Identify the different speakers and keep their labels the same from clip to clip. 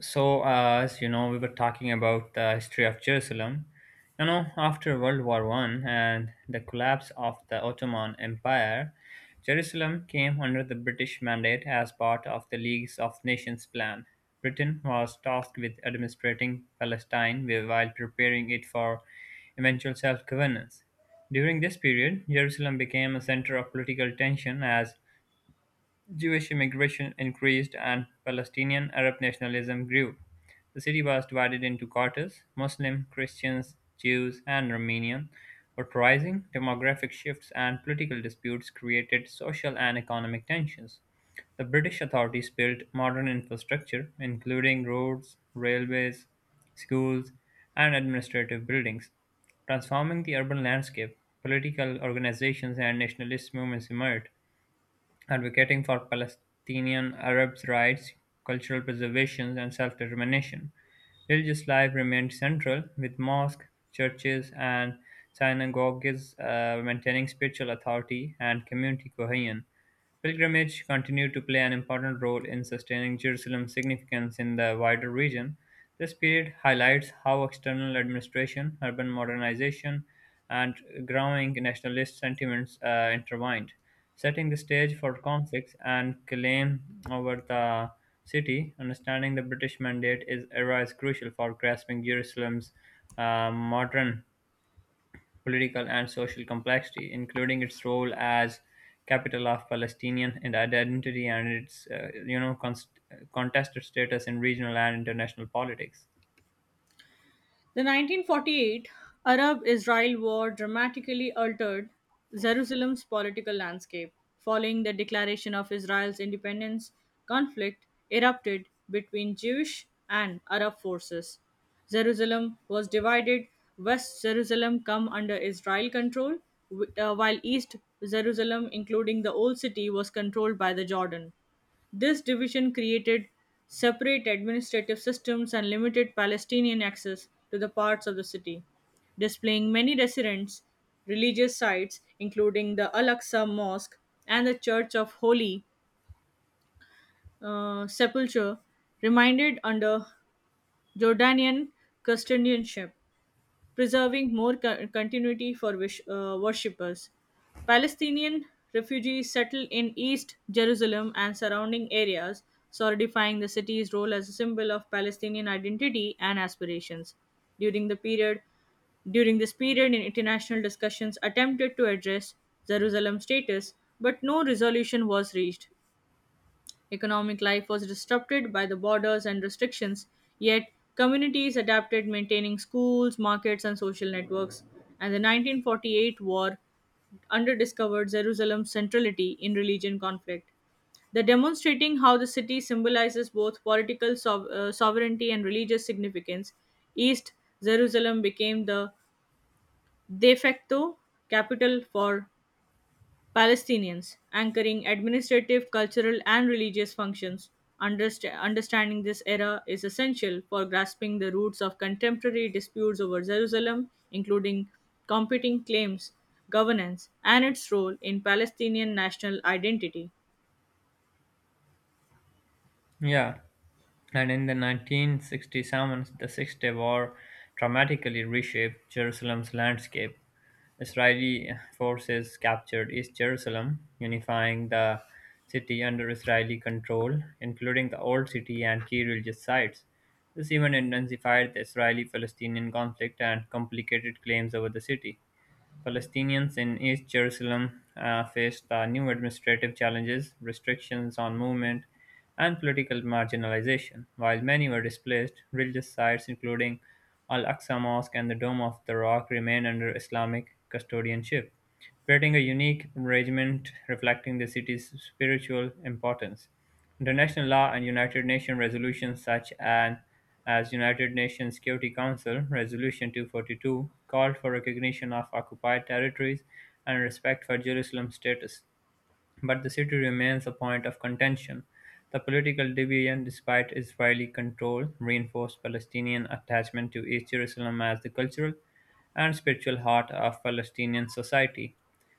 Speaker 1: So, as you know, we were talking about the history of Jerusalem. After World War One and the collapse of the Ottoman Empire, Jerusalem came under the British mandate as part of the Leagues of Nations plan. Britain was tasked with administrating Palestine while preparing it for eventual self governance. During this period, Jerusalem became a center of political tension as Jewish immigration increased and Palestinian Arab nationalism grew. The city was divided into quarters. Muslim, Christians, Jews, and Romanian were rising. Demographic shifts and political disputes created social and economic tensions. The British authorities built modern infrastructure, including roads, railways, schools, and administrative buildings, transforming the urban landscape. Political organizations and nationalist movements emerged, advocating for Palestinian Arabs' rights, cultural preservation, and self-determination. Religious life remained central, with mosques, churches, and synagogues maintaining spiritual authority and community cohesion. Pilgrimage continued to play an important role in sustaining Jerusalem's significance in the wider region. This period highlights how external administration, urban modernization, and growing nationalist sentiments intertwined, setting the stage for conflicts and claim over the city. Understanding the British mandate is era is crucial for grasping Jerusalem's modern political and social complexity, including its role as capital of Palestinian and identity and its contested status in regional and international politics.
Speaker 2: The 1948 Arab Israel War dramatically altered Jerusalem's political landscape. Following the declaration of Israel's independence, conflict erupted between Jewish and Arab forces. Jerusalem was divided. West Jerusalem come under Israel control, while East Jerusalem, including the Old City, was controlled by the Jordan. This division created separate administrative systems and limited Palestinian access to the parts of the city, displaying many residents' religious sites, including the Al Aqsa Mosque and the Church of Holy Sepulchre, reminded under Jordanian custodianship preserving more continuity for wish, worshippers. Palestinian refugees settled in East Jerusalem and surrounding areas, solidifying the city's role as a symbol of Palestinian identity and aspirations. During the period, During this period, in international discussions attempted to address Jerusalem's status, but no resolution was reached. Economic life was disrupted by the borders and restrictions, yet, communities adapted, maintaining schools, markets, and social networks. And the 1948 war underdiscovered Jerusalem's centrality in religion conflict. The demonstrating how the city symbolizes both political sovereignty and religious significance, East Jerusalem became the de facto capital for Palestinians, anchoring administrative, cultural, and religious functions. Understanding this era is essential for grasping the roots of contemporary disputes over Jerusalem, including competing claims, governance, and its role in Palestinian national identity.
Speaker 1: Yeah, and in the 1967, the Six Day War dramatically reshaped Jerusalem's landscape. Israeli forces captured East Jerusalem, unifying the city under Israeli control, including the Old City and key religious sites. This event intensified the Israeli Palestinian conflict and complicated claims over the city. Palestinians in East Jerusalem faced new administrative challenges, restrictions on movement, and political marginalization. While many were displaced, religious sites including Al Aqsa Mosque and the Dome of the Rock remain under Islamic custodianship creating a unique arrangement reflecting the city's spiritual importance. International law and United Nations resolutions such as United Nations Security Council Resolution 242 called for recognition of occupied territories and respect for Jerusalem's status, but the city remains a point of contention. The political division, despite Israeli control, reinforced Palestinian attachment to East Jerusalem as the cultural and spiritual heart of Palestinian society.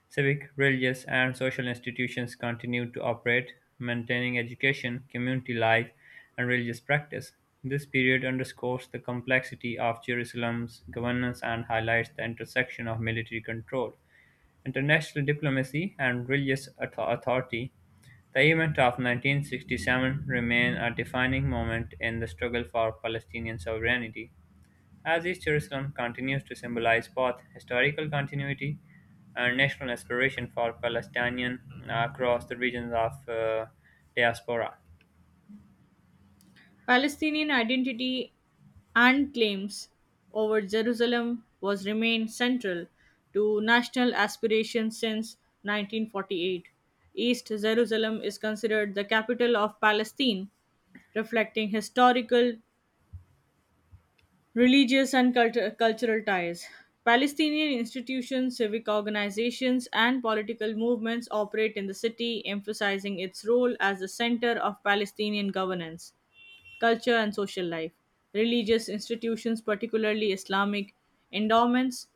Speaker 1: Civic, religious, and social institutions continued to operate, maintaining education, community life, and religious practice. This period underscores the complexity of Jerusalem's governance and highlights the intersection of military control, international diplomacy, and religious authority. The event of 1967 remain a defining moment in the struggle for Palestinian sovereignty, as East Jerusalem continues to symbolize both historical continuity and national aspiration for Palestinians across the regions of diaspora.
Speaker 2: Palestinian identity and claims over Jerusalem was remained central to national aspirations since 1948. East Jerusalem is considered the capital of Palestine, reflecting historical, religious, and cultural ties. Palestinian institutions, civic organizations, and political movements operate in the city, emphasizing its role as the center of Palestinian governance culture and social life. Religious institutions, particularly Islamic endowments,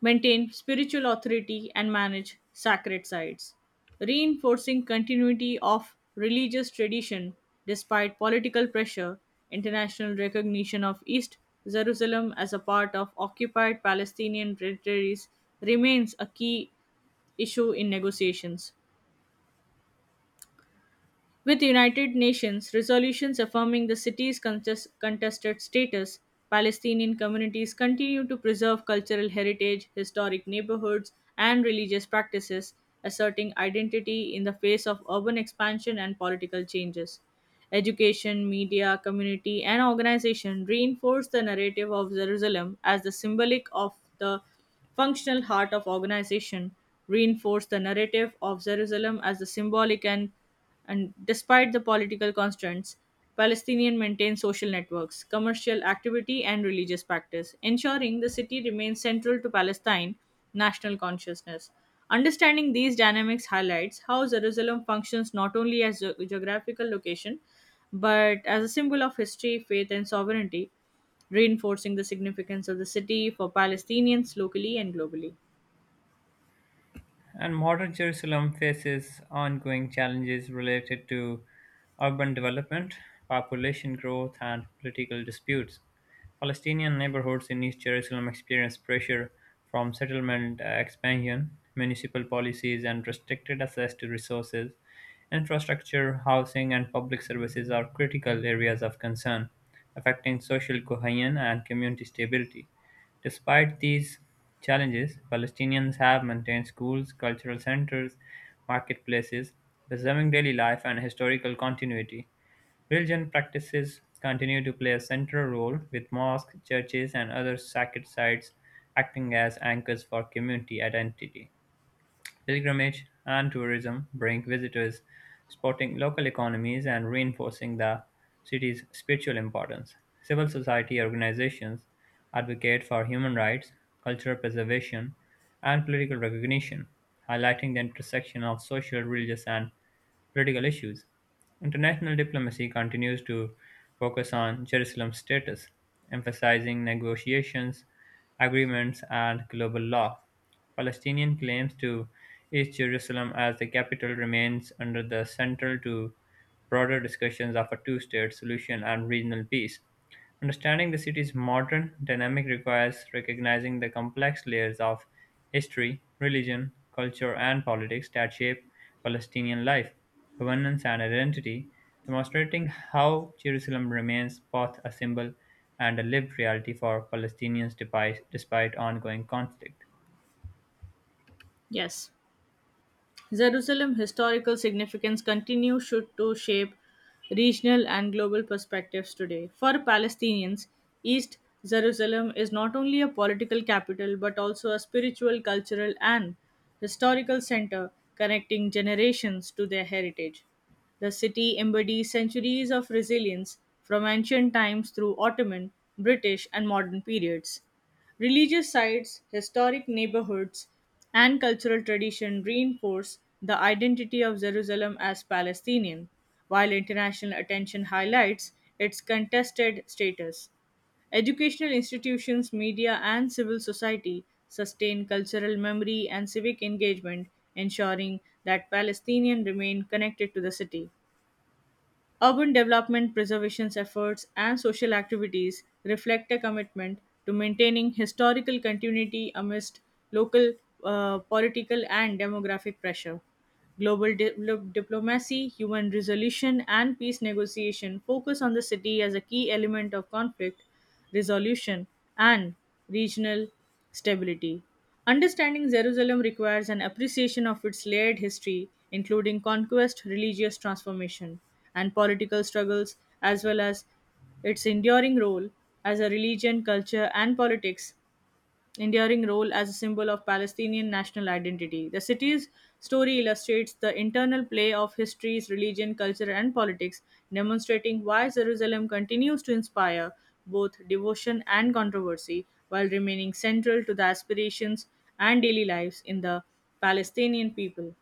Speaker 2: maintain spiritual authority and manage sacred sites, reinforcing continuity of religious tradition despite political pressure, international recognition of East Jerusalem as a part of occupied Palestinian territories remains a key issue in negotiations. With United Nations resolutions affirming the city's contested status, Palestinian communities continue to preserve cultural heritage, historic neighborhoods, and religious practices, asserting identity in the face of urban expansion and political changes. Education, media, community, and organization reinforce the narrative of Jerusalem as the symbolic of the functional heart of organization, reinforce the narrative of Jerusalem as the symbolic and despite the political constraints, Palestinian maintain social networks, commercial activity, and religious practice, ensuring the city remains central to Palestine national consciousness. Understanding these dynamics highlights how Jerusalem functions not only as a geographical location but as a symbol of history, faith, and sovereignty, reinforcing the significance of the city for Palestinians locally and globally.
Speaker 1: And modern Jerusalem faces ongoing challenges related to urban development, population growth, and political disputes. Palestinian neighborhoods in East Jerusalem experience pressure from settlement expansion, municipal policies, and restricted access to resources. Infrastructure, housing, and public services are critical areas of concern, affecting social cohesion and community stability. Despite these challenges, Palestinians have maintained schools, cultural centers, marketplaces, preserving daily life and historical continuity. Religion practices continue to play a central role, with mosques, churches, and other sacred sites acting as anchors for community identity. Pilgrimage and tourism bring visitors, supporting local economies and reinforcing the city's spiritual importance. Civil society organizations advocate for human rights, cultural preservation, and political recognition, highlighting the intersection of social, religious, and political issues. International diplomacy continues to focus on Jerusalem's status, emphasizing negotiations, agreements, and global law. Palestinian claims to East Jerusalem as the capital remains under the central to broader discussions of a two-state solution and regional peace. Understanding the city's modern dynamic requires recognizing the complex layers of history, religion, culture, and politics that shape Palestinian life, governance, and identity, demonstrating how Jerusalem remains both a symbol and a lived reality for Palestinians despite ongoing conflict.
Speaker 2: Yes. Jerusalem's historical significance continues to shape regional and global perspectives today. For Palestinians, East Jerusalem is not only a political capital but also a spiritual, cultural, and historical center connecting generations to their heritage. The city embodies centuries of resilience from ancient times through Ottoman, British, and modern periods. Religious sites, historic neighborhoods, and cultural tradition reinforce the identity of Jerusalem as Palestinian, while international attention highlights its contested status. Educational institutions, media, and civil society sustain cultural memory and civic engagement, ensuring that Palestinians remain connected to the city. Urban development preservation efforts and social activities reflect a commitment to maintaining historical continuity amidst local political and demographic pressure. Global diplomacy, human resolution, and peace negotiation focus on the city as a key element of conflict resolution, and regional stability. Understanding Jerusalem requires an appreciation of its layered history, including conquest, religious transformation, and political struggles, as well as its enduring role as a religion, culture, and politics enduring role as a symbol of Palestinian national identity. The city's story illustrates the internal play of histories, religion, culture, and politics, demonstrating why Jerusalem continues to inspire both devotion and controversy while remaining central to the aspirations and daily lives in the Palestinian people.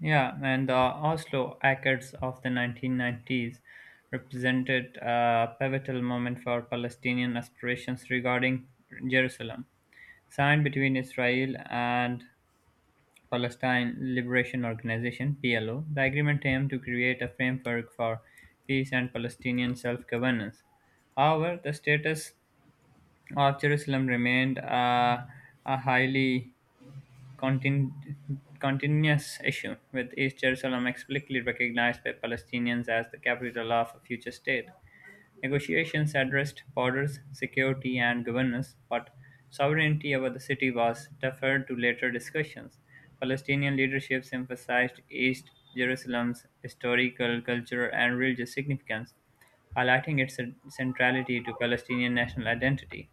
Speaker 1: Yeah, and the Oslo Accords of the 1990s represented a pivotal moment for Palestinian aspirations regarding Jerusalem. Signed between Israel and Palestine Liberation Organization (PLO), the agreement aimed to create a framework for peace and Palestinian self-governance. However, the status of Jerusalem remained a highly contin- continuous issue, with East Jerusalem explicitly recognized by Palestinians as the capital of a future state. Negotiations addressed borders, security, and governance, but sovereignty over the city was deferred to later discussions. Palestinian leaderships emphasized East Jerusalem's historical, cultural, and religious significance, highlighting its centrality to Palestinian national identity.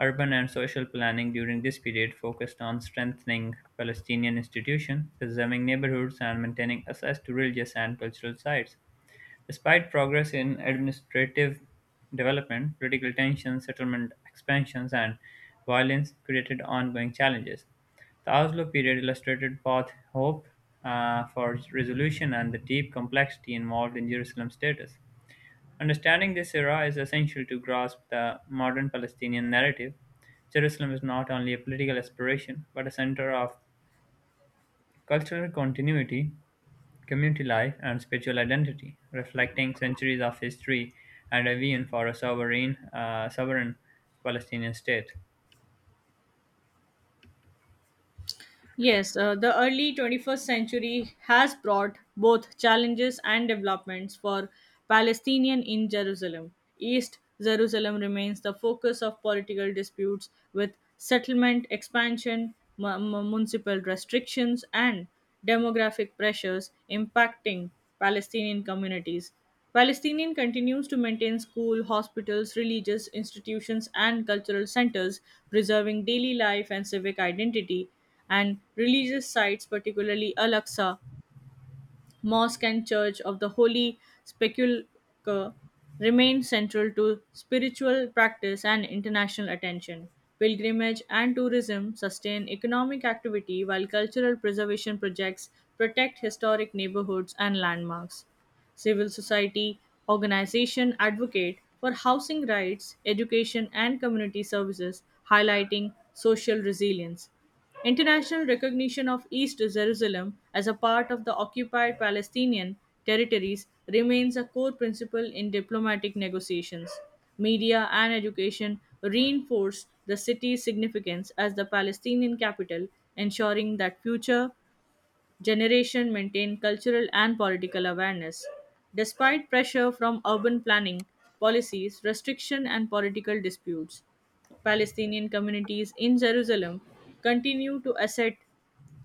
Speaker 1: Urban and social planning during this period focused on strengthening Palestinian institutions, preserving neighborhoods, and maintaining access to religious and cultural sites. Despite progress in administrative development, political tensions, settlement expansions, and violence created ongoing challenges. The Oslo period illustrated both hope for resolution and the deep complexity involved in Jerusalem's status. Understanding this era is essential to grasp the modern Palestinian narrative. Jerusalem is not only a political aspiration, but a center of cultural continuity, community life, and spiritual identity, reflecting centuries of history and a vision for a sovereign Palestinian state.
Speaker 2: Yes, the early 21st century has brought both challenges and developments for Palestinian in Jerusalem. East Jerusalem remains the focus of political disputes with settlement expansion, municipal restrictions, and demographic pressures impacting Palestinian communities. Palestinian continues to maintain school, hospitals, religious institutions, and cultural centers, preserving daily life and civic identity and religious sites, particularly Al-Aqsa Mosque and Church of the Holy Sepulchre, remain central to spiritual practice and international attention. Pilgrimage and tourism sustain economic activity while cultural preservation projects protect historic neighborhoods and landmarks. Civil society organization advocate for housing rights, education, and community services, highlighting social resilience. International recognition of East Jerusalem as a part of the occupied Palestinian territories remains a core principle in diplomatic negotiations. Media and education reinforce the city's significance as the Palestinian capital, ensuring that future generation maintain cultural and political awareness. Despite pressure from urban planning policies, restriction, and political disputes, Palestinian communities in Jerusalem continue to assert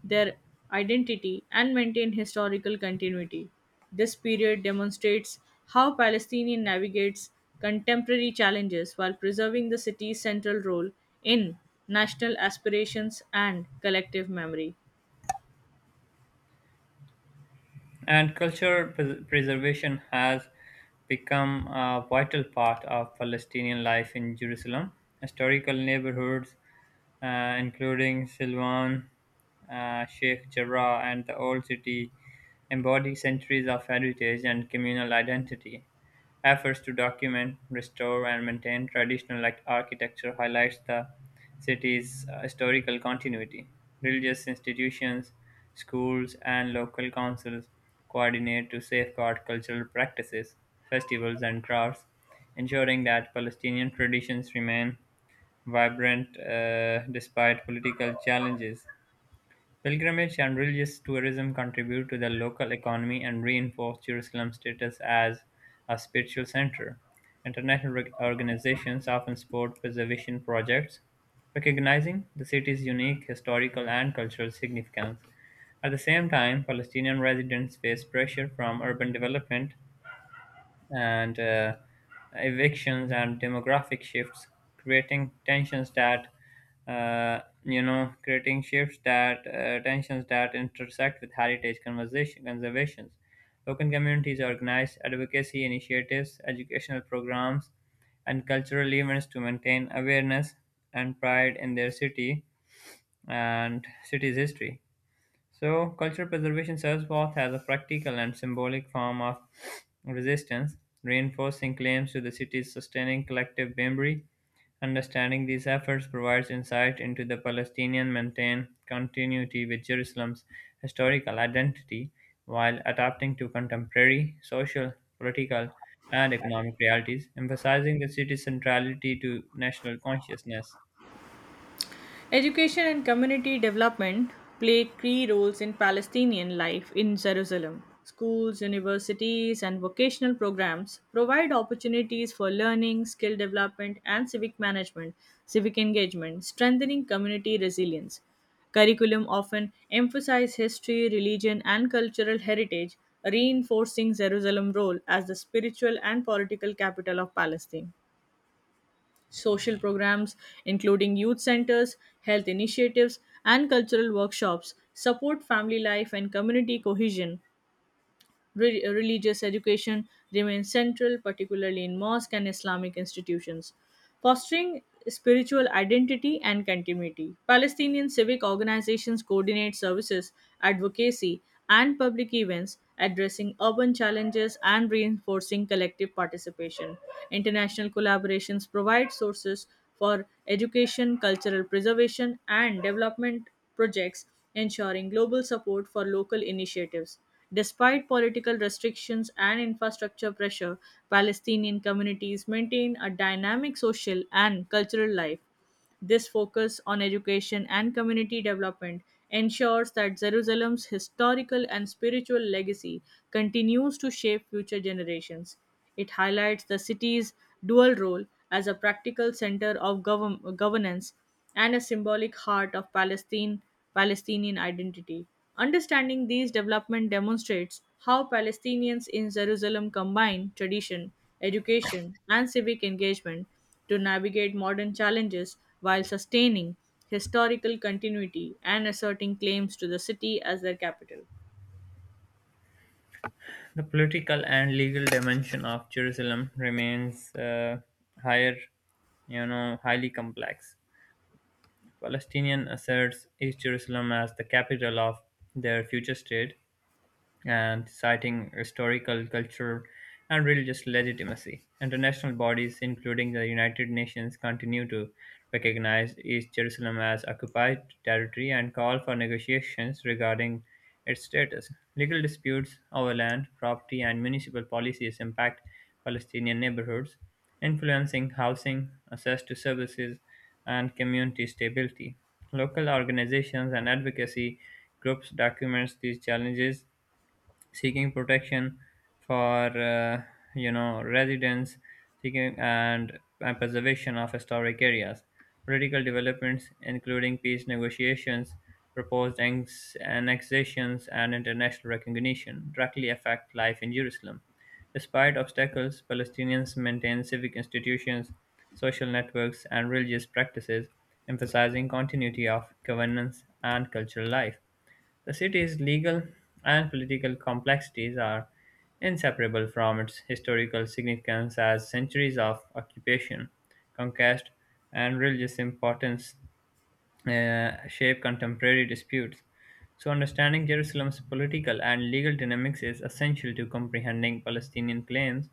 Speaker 2: their identity and maintain historical continuity. This period demonstrates how Palestinian navigates contemporary challenges while preserving the city's central role in national aspirations and collective memory.
Speaker 1: And cultural preservation has become a vital part of Palestinian life in Jerusalem. Historical neighborhoods, including Silwan, Sheikh Jarrah, and the Old City, embody centuries of heritage and communal identity. Efforts to document, restore, and maintain traditional like architecture highlights the city's historical continuity. Religious institutions, schools, and local councils coordinate to safeguard cultural practices, festivals, and crafts, ensuring that Palestinian traditions remain vibrant despite political challenges. Pilgrimage and religious tourism contribute to the local economy and reinforce Jerusalem's status as a spiritual center. International organizations often support preservation projects, recognizing the city's unique historical and cultural significance. At the same time, Palestinian residents face pressure from urban development and evictions and demographic shifts, creating tensions that creating shifts that tensions that intersect with heritage conversation conservations. Local communities organize advocacy initiatives, educational programs, and cultural events to maintain awareness and pride in their city and city's history. So, cultural preservation serves both as a practical and symbolic form of resistance, reinforcing claims to the city's sustaining collective memory. Understanding these efforts provides insight into the Palestinian maintained continuity with Jerusalem's historical identity while adapting to contemporary social, political, and economic realities, emphasizing the city's centrality to national consciousness.
Speaker 2: Education and community development play key roles in Palestinian life in Jerusalem. Schools, universities, and vocational programs provide opportunities for learning, skill development, and civic engagement, strengthening community resilience. Curriculum often emphasize history, religion, and cultural heritage, reinforcing Jerusalem's role as the spiritual and political capital of Palestine. Social programs, including youth centers, health initiatives, and cultural workshops, support family life and community cohesion. Religious education remains central, particularly in mosque and Islamic institutions, fostering spiritual identity and continuity. Palestinian civic organizations coordinate services, advocacy, and public events addressing urban challenges and reinforcing collective participation. International collaborations provide sources for education, cultural preservation, and development projects, ensuring global support for local initiatives. Despite political restrictions and infrastructure pressure, Palestinian communities maintain a dynamic social and cultural life. This focus on education and community development ensures that Jerusalem's historical and spiritual legacy continues to shape future generations. It highlights the city's dual role as a practical center of governance and a symbolic heart of Palestinian identity. Understanding these developments demonstrates how Palestinians in Jerusalem combine tradition, education, and civic engagement to navigate modern challenges while sustaining historical continuity and asserting claims to the city as their capital.
Speaker 1: The political and legal dimension of Jerusalem remains higher, highly complex. Palestinian asserts East Jerusalem as the capital of their future state, and citing historical, cultural, and religious legitimacy. International bodies, including the United Nations, continue to recognize East Jerusalem as occupied territory and call for negotiations regarding its status. Legal disputes over land, property, and municipal policies impact Palestinian neighborhoods, influencing housing, access to services, and community stability. Local organizations and advocacy groups document these challenges, seeking protection for residents, seeking and preservation of historic areas, political developments including peace negotiations, proposed annexations and international recognition directly affect life in Jerusalem. Despite obstacles, Palestinians maintain civic institutions, social networks, and religious practices, emphasizing continuity of governance and cultural life. The city's legal and political complexities are inseparable from its historical significance as centuries of occupation, conquest, and religious importance shape contemporary disputes. So, understanding Jerusalem's political and legal dynamics is essential to comprehending Palestinian claims,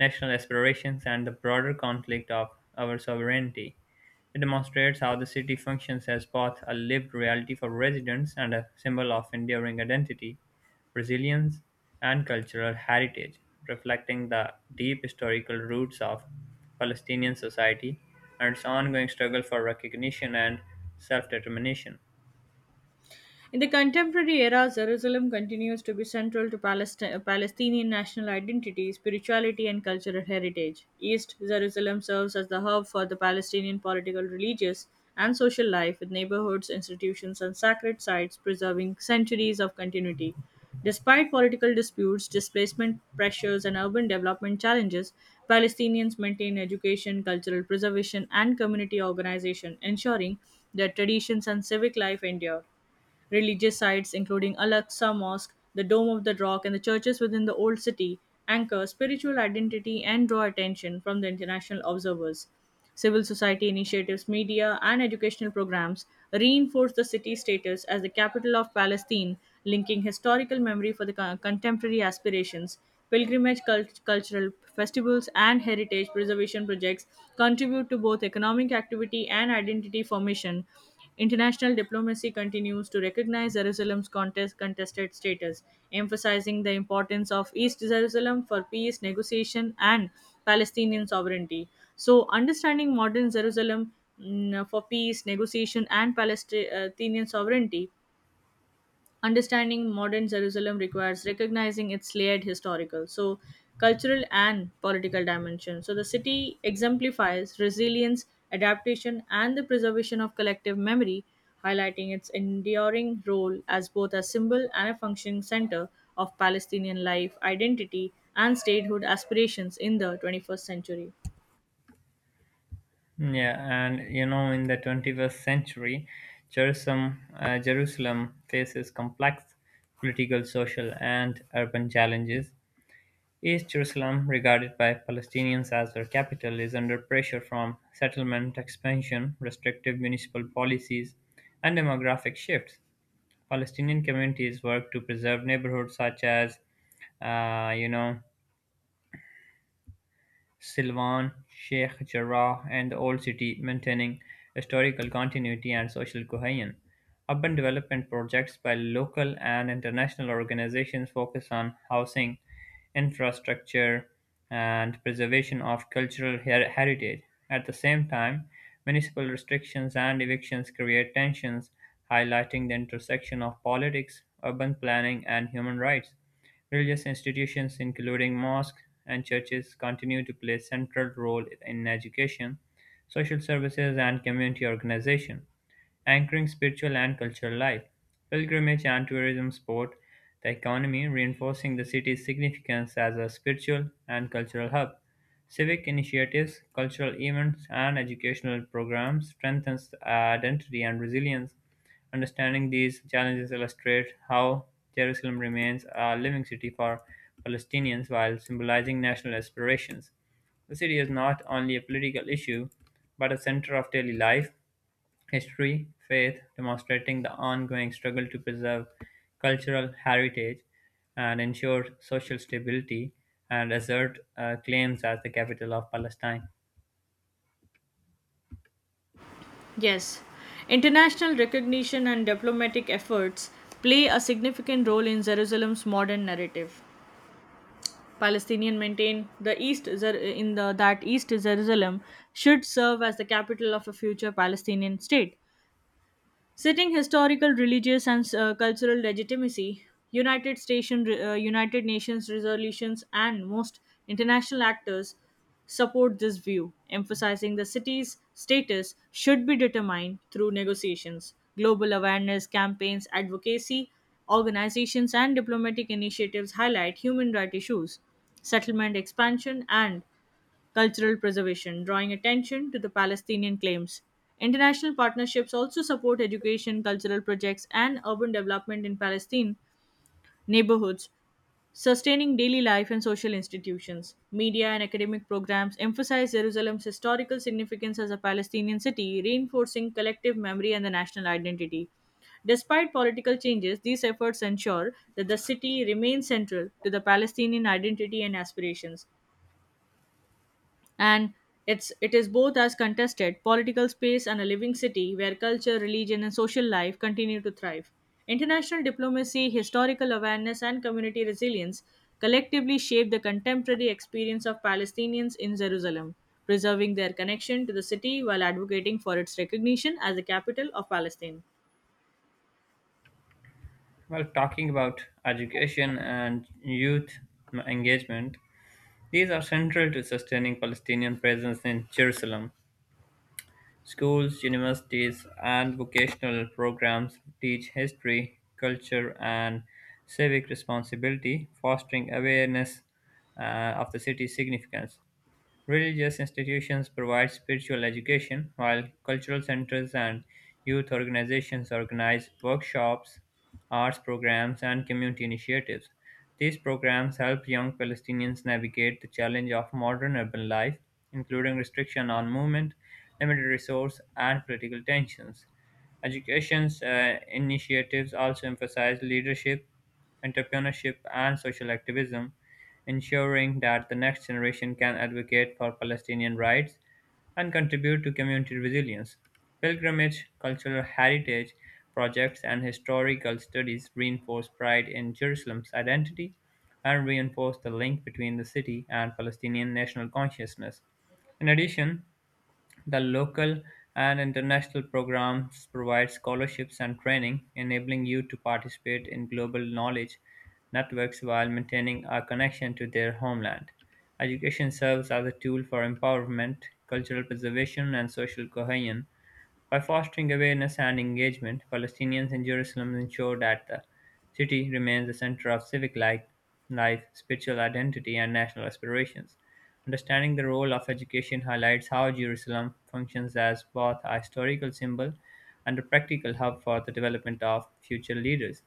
Speaker 1: national aspirations, and the broader conflict of our sovereignty. It demonstrates how the city functions as both a lived reality for residents and a symbol of enduring identity, resilience, and cultural heritage, reflecting the deep historical roots of Palestinian society and its ongoing struggle for recognition and self determination.
Speaker 2: In the contemporary era, Jerusalem continues to be central to Palestinian national identity, spirituality, and cultural heritage. East Jerusalem serves as the hub for the Palestinian political, religious, and social life, with neighborhoods, institutions, and sacred sites preserving centuries of continuity. Despite political disputes, displacement pressures, and urban development challenges, Palestinians maintain education, cultural preservation, and community organization, ensuring their traditions and civic life endure. Religious sites including Al-Aqsa Mosque, the Dome of the Rock, and the churches within the Old City anchor spiritual identity and draw attention from the international observers. Civil society initiatives, media, and educational programs reinforce the city's status as the capital of Palestine, linking historical memory for the contemporary aspirations. Pilgrimage cultural festivals and heritage preservation projects contribute to both economic activity and identity formation. International diplomacy continues to recognize Jerusalem's contested status, emphasizing the importance of East Jerusalem for peace, negotiation, and Palestinian sovereignty. So, understanding modern Jerusalem for peace, negotiation, and Palestinian sovereignty. Understanding modern Jerusalem requires recognizing its layered historical, so cultural and political dimension. So the city exemplifies resilience, adaptation, and the preservation of collective memory, highlighting its enduring role as both a symbol and a functioning center of Palestinian life, identity, and statehood aspirations in the 21st century.
Speaker 1: Yeah, and in the 21st century, Jerusalem faces complex political, social, and urban challenges. East Jerusalem, regarded by Palestinians as their capital, is under pressure from settlement expansion, restrictive municipal policies, and demographic shifts. Palestinian communities work to preserve neighborhoods such as, uh, you know, Silvan, Sheikh Jarrah and the Old City, maintaining historical continuity and social cohesion. Urban development projects by local and international organizations focus on housing, infrastructure, and preservation of cultural heritage. At the same time, municipal restrictions and evictions create tensions, highlighting the intersection of politics, urban planning, and human rights. Religious institutions including mosques and churches continue to play a central role in education, social services, and community organization, anchoring spiritual and cultural life. Pilgrimage and tourism support the economy, reinforcing the city's significance as a spiritual and cultural hub. Civic initiatives, cultural events, and educational programs strengthens identity and resilience. Understanding these challenges illustrates how Jerusalem remains a living city for Palestinians while symbolizing national aspirations. The city is not only a political issue, but a center of daily life, history, faith, demonstrating the ongoing struggle to preserve cultural heritage and ensure social stability, and assert claims as the capital of Palestine.
Speaker 2: Yes, international recognition and diplomatic efforts play a significant role in Jerusalem's modern narrative. Palestinian maintain the East Zer- in the that East Jerusalem should serve as the capital of a future Palestinian state. Sitting historical, religious, and cultural legitimacy, United Nations resolutions, and most international actors support this view, emphasizing the city's status should be determined through negotiations, global awareness campaigns, advocacy, organizations, and diplomatic initiatives highlight human rights issues, settlement expansion, and cultural preservation, drawing attention to the Palestinian claims. International partnerships also support education, cultural projects, and urban development in Palestine neighborhoods, sustaining daily life and social institutions. Media and academic programs emphasize Jerusalem's historical significance as a Palestinian city, reinforcing collective memory and the national identity. Despite political changes, these efforts ensure that the city remains central to the Palestinian identity and aspirations and it is both as contested political space and a living city where culture religion and social life continue to thrive international diplomacy historical awareness and community resilience collectively shape the contemporary experience of palestinians in jerusalem preserving their connection to the city while advocating for its recognition as the capital of palestine.
Speaker 1: Well, talking about education and youth engagement, these are central to sustaining Palestinian presence in Jerusalem. Schools, universities, and vocational programs teach history, culture, and civic responsibility, fostering awareness of the city's significance. Religious institutions provide spiritual education, while cultural centers and youth organizations organize workshops, arts programs, and community initiatives. These programs help young Palestinians navigate the challenge of modern urban life, including restriction on movement, limited resource, and political tensions. Education's initiatives also emphasize leadership, entrepreneurship, and social activism, ensuring that the next generation can advocate for Palestinian rights and contribute to community resilience. Pilgrimage, cultural heritage projects, and historical studies reinforce pride in Jerusalem's identity and reinforce the link between the city and Palestinian national consciousness. In addition, the local and international programs provide scholarships and training, enabling youth to participate in global knowledge networks while maintaining a connection to their homeland. Education serves as a tool for empowerment, cultural preservation, and social cohesion. By fostering awareness and engagement, Palestinians in Jerusalem ensure that the city remains the center of civic life, spiritual identity, and national aspirations. Understanding the role of education highlights how Jerusalem functions as both a historical symbol and a practical hub for the development of future leaders.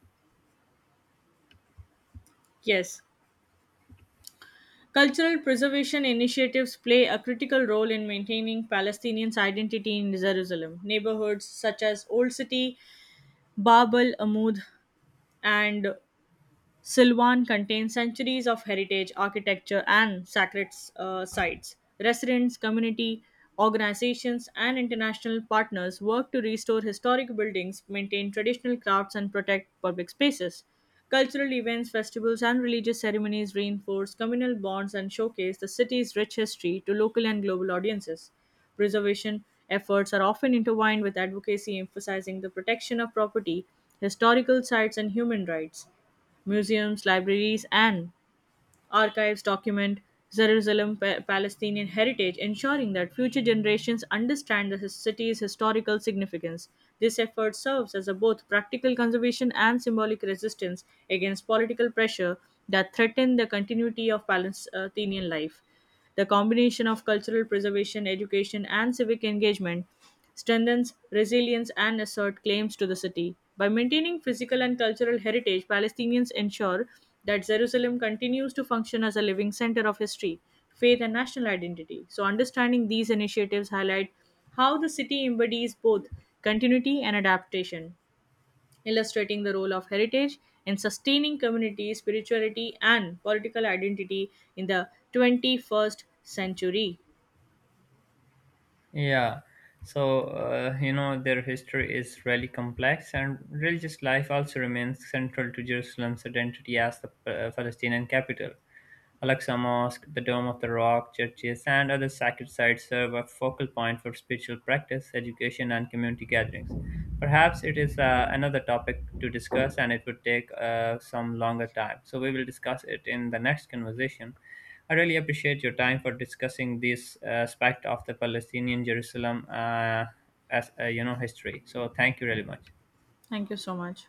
Speaker 2: Yes. Cultural preservation initiatives play a critical role in maintaining Palestinians' identity in Jerusalem. Neighborhoods such as Old City Babel, Amud, and Silvan contains centuries of heritage, architecture, and sacred sites. Residents, community organizations, and international partners work to restore historic buildings, maintain traditional crafts, and protect public spaces. Cultural events, festivals, and religious ceremonies reinforce communal bonds and showcase the city's rich history to local and global audiences. Preservation efforts are often intertwined with advocacy emphasizing the protection of property, historical sites, and human rights. Museums, libraries, and archives document Palestinian heritage, ensuring that future generations understand the city's historical significance. This effort serves as a both practical conservation and symbolic resistance against political pressure that threaten the continuity of Palestinian life. The combination of cultural preservation, education, and civic engagement strengthens resilience and assert claims to the city. By maintaining physical and cultural heritage, Palestinians ensure that Jerusalem continues to function as a living center of history, faith, and national identity. So, understanding these initiatives highlight how the city embodies both continuity and adaptation illustrating the role of heritage in sustaining community, spirituality, and political identity in the 21st century.
Speaker 1: Yeah. So, their history is really complex, and religious life also remains central to Jerusalem's identity as the Palestinian capital. Al-Aqsa Mosque, the Dome of the Rock, churches, and other sacred sites serve a focal point for spiritual practice, education, and community gatherings. Perhaps it is another topic to discuss, and it would take some longer time. So, we will discuss it in the next conversation. I really appreciate your time for discussing this aspect of the Palestinian Jerusalem as history. So thank you really much.
Speaker 2: Thank you so much.